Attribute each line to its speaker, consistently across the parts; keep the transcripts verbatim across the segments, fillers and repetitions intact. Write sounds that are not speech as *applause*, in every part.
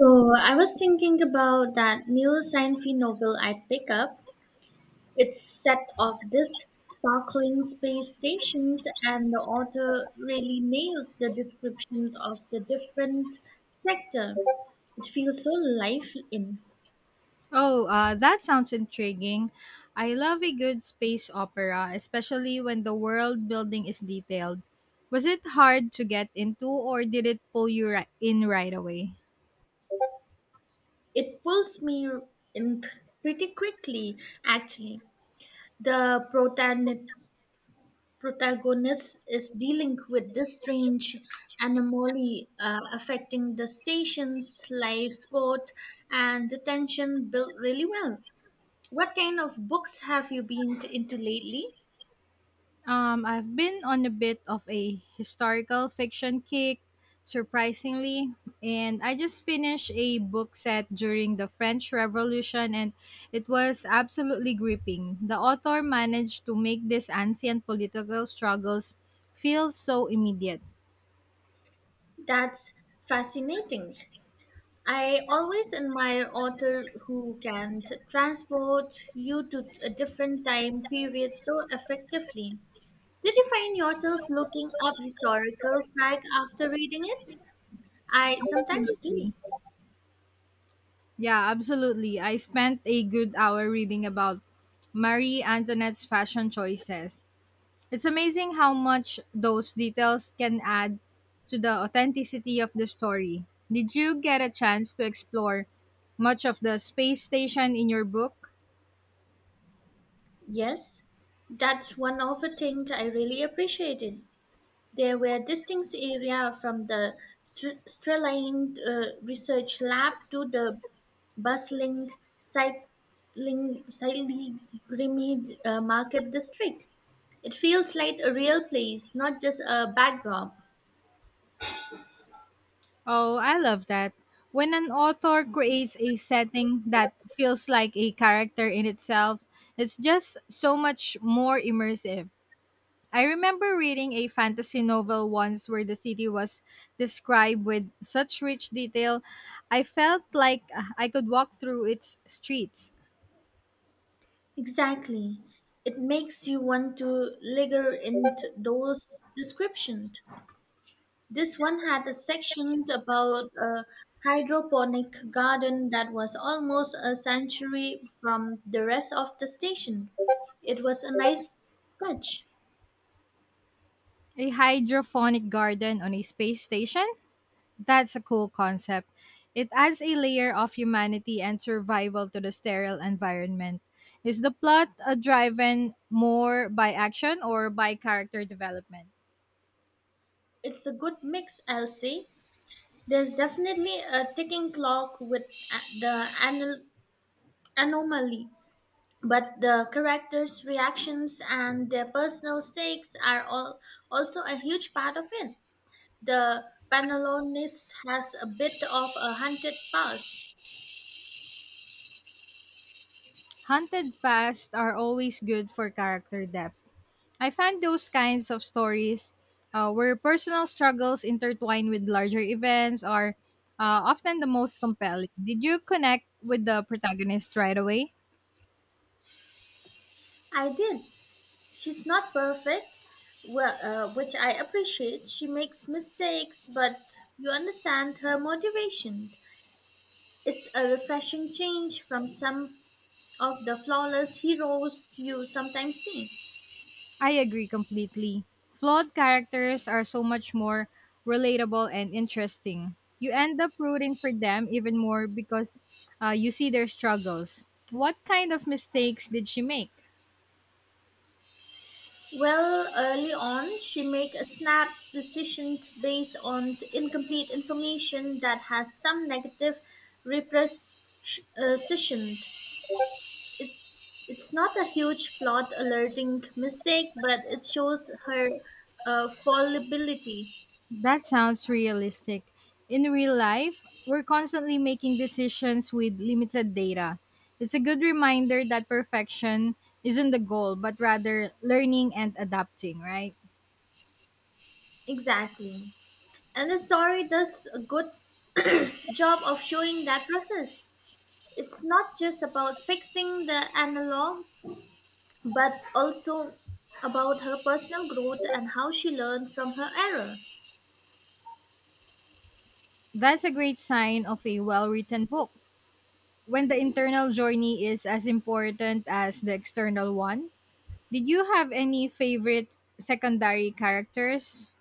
Speaker 1: So I was thinking about that new sci-fi novel I pick up. It's set of this sparkling space station, and the author really nailed the description of the different sector. It feels so life in.
Speaker 2: Oh, uh, that sounds intriguing. I love a good space opera, especially when the world building is detailed. Was it hard to get into, or did it pull you ri- in right away?
Speaker 1: It pulls me in pretty quickly, actually. The protagonist protagonist is dealing with this strange anomaly uh, affecting the station's life, sport, and the tension built really well. What kind of books have you been t- into lately?
Speaker 2: Um, I've been on a bit of a historical fiction kick, surprisingly, and I just finished a book set during the French Revolution, and it was absolutely gripping. The author managed to make these ancient political struggles feel so immediate.
Speaker 1: That's fascinating. I always admire author who can t- transport you to a different time period so effectively. Did you find yourself looking up historical fact after reading it? I sometimes do.
Speaker 2: Absolutely. Yeah, absolutely. I spent a good hour reading about Marie Antoinette's fashion choices. It's amazing how much those details can add to the authenticity of the story. Did you get a chance to explore much of the space station in your book?
Speaker 1: Yes, that's one of the things I really appreciated. There were distinct areas from the str- streamlined uh, research lab to the bustling cycling, cycling uh, market district. It feels like a real place, not just a backdrop.
Speaker 2: Oh, I love that. When an author creates a setting that feels like a character in itself, it's just so much more immersive. I remember reading a fantasy novel once where the city was described with such rich detail, I felt like uh, I could walk through its streets.
Speaker 1: Exactly. It makes you want to linger in t- those descriptions. This one had a section about a hydroponic garden that was almost a sanctuary from the rest of the station. It was a nice touch.
Speaker 2: A hydroponic garden on a space station? That's a cool concept. It adds a layer of humanity and survival to the sterile environment. Is the plot uh, driven more by action or by character development?
Speaker 1: It's a good mix, I'll say. There's definitely a ticking clock with a- the anal- anomaly, but the characters' reactions and their personal stakes are all also a huge part of it. The Panalonis has a bit of a hunted past.
Speaker 2: Haunted pasts are always good for character depth. I find those kinds of stories uh, where personal struggles intertwine with larger events are uh, often the most compelling. Did you connect with the protagonist right away?
Speaker 1: I did. She's not perfect, well, uh, which I appreciate. She makes mistakes, but you understand her motivation. It's a refreshing change from some of the flawless heroes you sometimes see.
Speaker 2: I agree completely. Flawed characters are so much more relatable and interesting. You end up rooting for them even more because uh, you see their struggles. What kind of mistakes did she make?
Speaker 1: Well, early on, she make a snap decision based on the incomplete information that has some negative repercussion. It, it's not a huge plot alerting mistake, but it shows her uh, fallibility.
Speaker 2: That sounds realistic. In real life, we're constantly making decisions with limited data. It's a good reminder that perfection isn't the goal, but rather learning and adapting, right?
Speaker 1: Exactly. And the story does a good job of showing that process. It's not just about fixing the analog, but also about her personal growth and how she learned from her error.
Speaker 2: That's a great sign of a well written book. When the internal journey is as important as the external one, did you have any favorite secondary characters?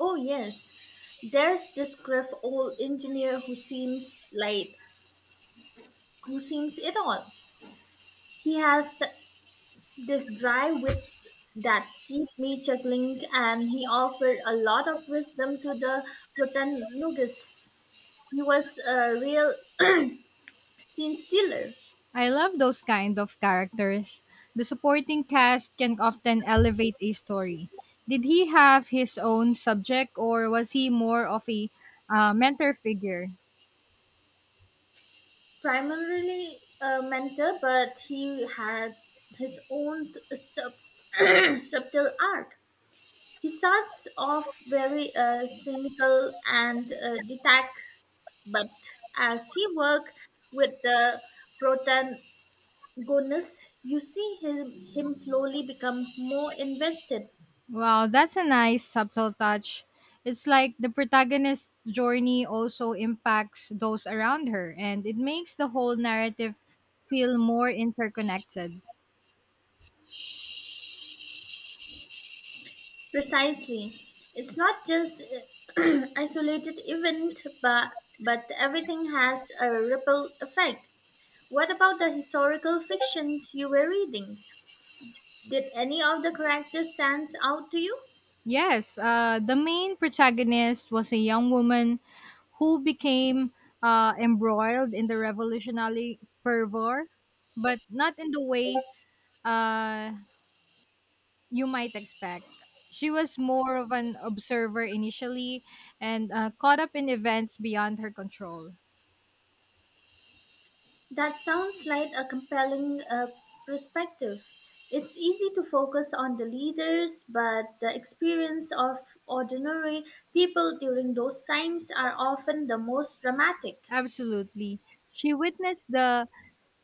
Speaker 1: Oh, yes, there's this gruff old engineer who seems like who seems it all. He has th- this dry wit that keep me chuckling, and he offered a lot of wisdom to the protagonist. He was a real *clears throat* scene stealer.
Speaker 2: I love those kind of characters. The supporting cast can often elevate a story. Did he have his own subject or was he more of a uh, mentor figure?
Speaker 1: Primarily a mentor, but he had his own sub- *clears throat* subtle art. He starts off very uh, cynical and uh, detached, but as he works with the protagonist, you see him, him slowly become more invested.
Speaker 2: Wow, that's a nice subtle touch. It's like the protagonist's journey also impacts those around her and it makes the whole narrative feel more interconnected.
Speaker 1: Precisely. It's not just uh, *clears throat* isolated event, but, but everything has a ripple effect. What about the historical fiction you were reading? Did any of the characters stand out to you?
Speaker 2: Yes, uh, the main protagonist was a young woman who became uh, embroiled in the revolutionary fervor, but not in the way uh, you might expect. She was more of an observer initially and uh, caught up in events beyond her control.
Speaker 1: That sounds like a compelling uh, perspective. It's easy to focus on the leaders, but the experience of ordinary people during those times are often the most dramatic.
Speaker 2: Absolutely. She witnessed the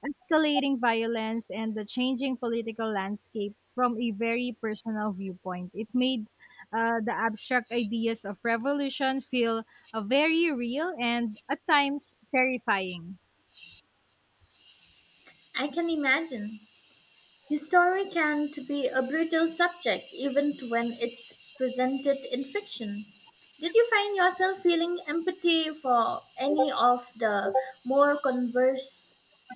Speaker 2: escalating violence and the changing political landscape from a very personal viewpoint. It made uh, the abstract ideas of revolution feel uh, very real and at times terrifying.
Speaker 1: I can imagine. History can to be a brutal subject even when it's presented in fiction. Did you find yourself feeling empathy for any of the more converse,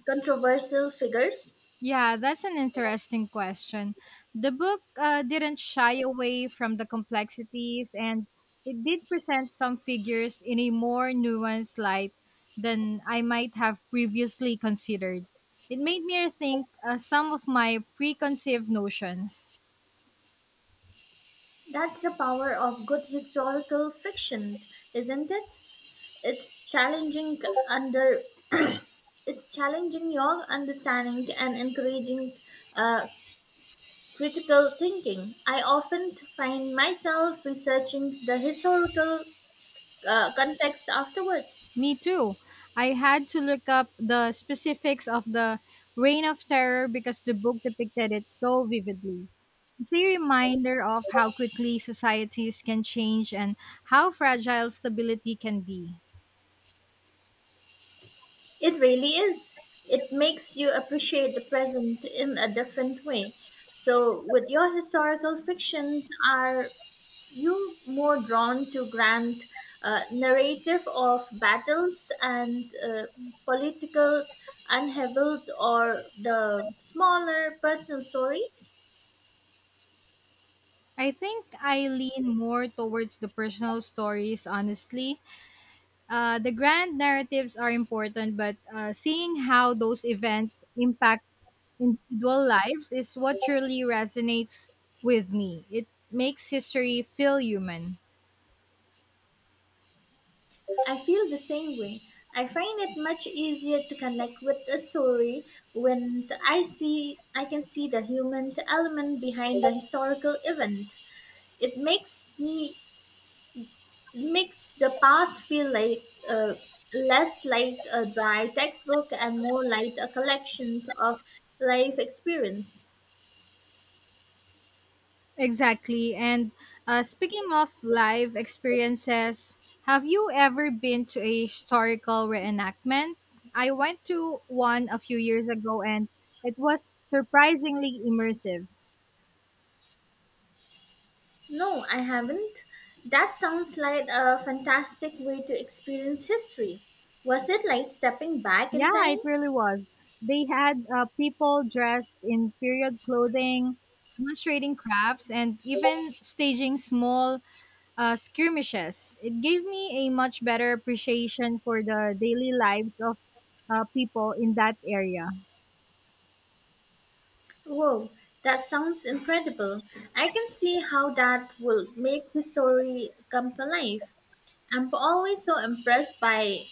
Speaker 1: controversial figures?
Speaker 2: Yeah, that's an interesting question. The book uh, didn't shy away from the complexities and it did present some figures in a more nuanced light than I might have previously considered. It made me rethink uh, some of my preconceived notions.
Speaker 1: That's the power of good historical fiction, isn't it? It's challenging under it's challenging your understanding and encouraging uh, critical thinking. I often find myself researching the historical uh, context afterwards.
Speaker 2: Me too. I had to look up the specifics of the Reign of Terror because the book depicted it so vividly. It's a reminder of how quickly societies can change and how fragile stability can be.
Speaker 1: It really is. It makes you appreciate the present in a different way. So, with your historical fiction, are you more drawn to grand uh, narrative of battles and uh, political unheveled or the smaller personal stories?
Speaker 2: I think I lean more towards the personal stories, honestly. Uh, the grand narratives are important, but uh, seeing how those events impact individual lives is what truly resonates with me. It makes history feel human.
Speaker 1: I feel the same way. I find it much easier to connect with a story when the- I see I can see the human element behind the historical event. It makes me it makes the past feel like uh, less like a dry textbook and more like a collection of life experience.
Speaker 2: Exactly. And uh, speaking of live experiences, have you ever been to a historical reenactment? I went to one a few years ago and it was surprisingly immersive.
Speaker 1: No, I haven't. That sounds like a fantastic way to experience history. Was it like stepping back in
Speaker 2: Yeah, it
Speaker 1: time?
Speaker 2: really was. They had uh, people dressed in period clothing, demonstrating crafts, and even staging small uh, skirmishes. It gave me a much better appreciation for the daily lives of uh, people in that area.
Speaker 1: Whoa, that sounds incredible. I can see how that will make the story come to life. I'm always so impressed by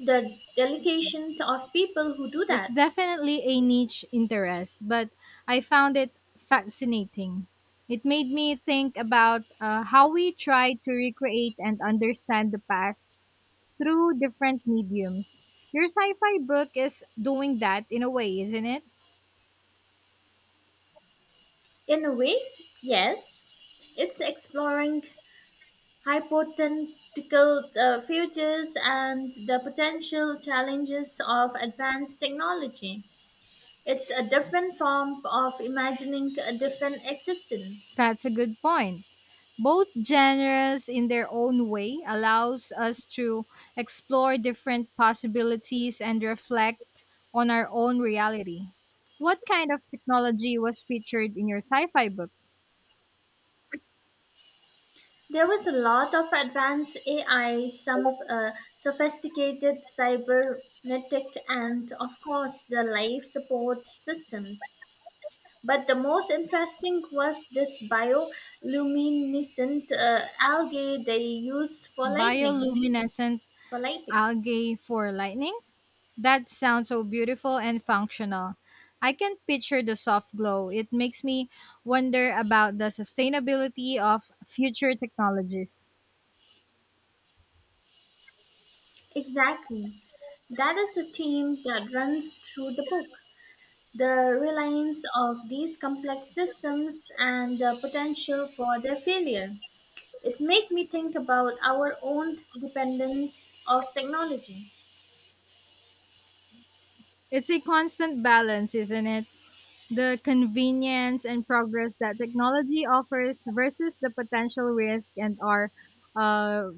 Speaker 1: the delegation of people who do
Speaker 2: It's
Speaker 1: that.
Speaker 2: definitely a niche interest, but I found it fascinating. It made me think about uh, how we try to recreate and understand the past through different mediums. Your sci fi book is doing that in a way, isn't it?
Speaker 1: In a way, yes, it's exploring hypothetical uh, futures and the potential challenges of advanced technology. It's a different form of imagining a different existence.
Speaker 2: That's a good point. Both genres in their own way allows us to explore different possibilities and reflect on our own reality. What kind of technology was featured in your sci-fi book?
Speaker 1: There was a lot of advanced A I, some uh, sophisticated cybernetic, and of course the life support systems. But the most interesting was this bioluminescent uh, algae they use for lightning.
Speaker 2: Bioluminescent
Speaker 1: For lighting,
Speaker 2: algae for lightning, that sounds so beautiful and functional. I can picture the soft glow. It makes me wonder about the sustainability of future technologies.
Speaker 1: exactly. That is a theme that runs through the book. The reliance of these complex systems and the potential for their failure. It made me think about our own dependence of technology.
Speaker 2: It's a constant balance, isn't it? The convenience and progress that technology offers versus the potential risk and our uh,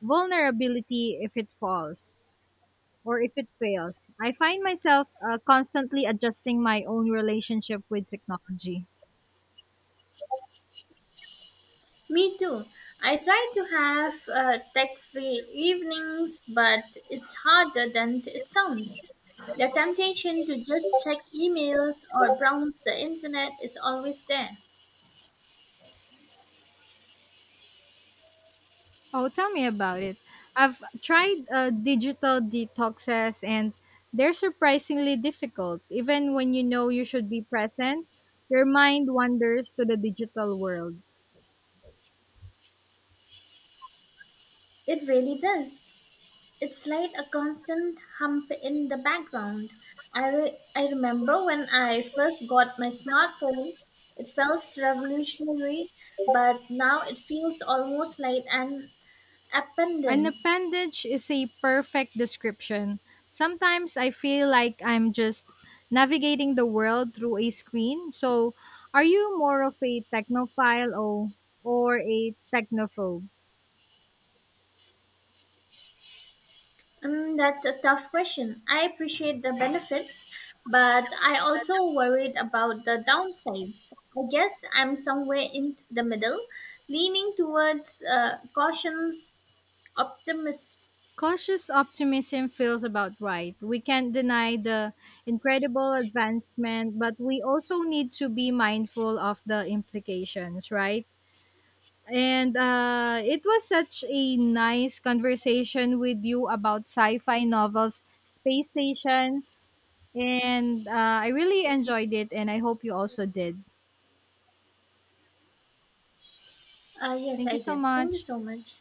Speaker 2: vulnerability if it falls or if it fails. I find myself uh, constantly adjusting my own relationship with technology.
Speaker 1: Me too. I try to have uh, tech-free evenings, but it's harder than it sounds. The temptation to just check emails or browse the internet is always there.
Speaker 2: Oh, tell me about it. I've tried uh, digital detoxes and they're surprisingly difficult. Even when you know you should be present, your mind wanders to the digital world.
Speaker 1: It really does. It's like a constant hum in the background. I, re- I remember when I first got my smartphone, it felt revolutionary, but now it feels almost like an
Speaker 2: An
Speaker 1: appendix.
Speaker 2: appendage is a perfect description. Sometimes I feel like I'm just navigating the world through a screen. So, are you more of a technophile or, or a technophobe?
Speaker 1: Mm, that's a tough question. I appreciate the benefits, but I also worried about the downsides. I guess I'm somewhere in the middle, leaning towards uh, caution's optimism.
Speaker 2: Cautious optimism feels about right. We can't deny the incredible advancement, but we also need to be mindful of the implications, right? And uh, it was such a nice conversation with you about sci fi novels, Space Station. And uh, I really enjoyed it, and I hope you also did.
Speaker 1: Uh, yes,
Speaker 2: Thank
Speaker 1: I
Speaker 2: you so
Speaker 1: did. Thank you
Speaker 2: much.
Speaker 1: so much.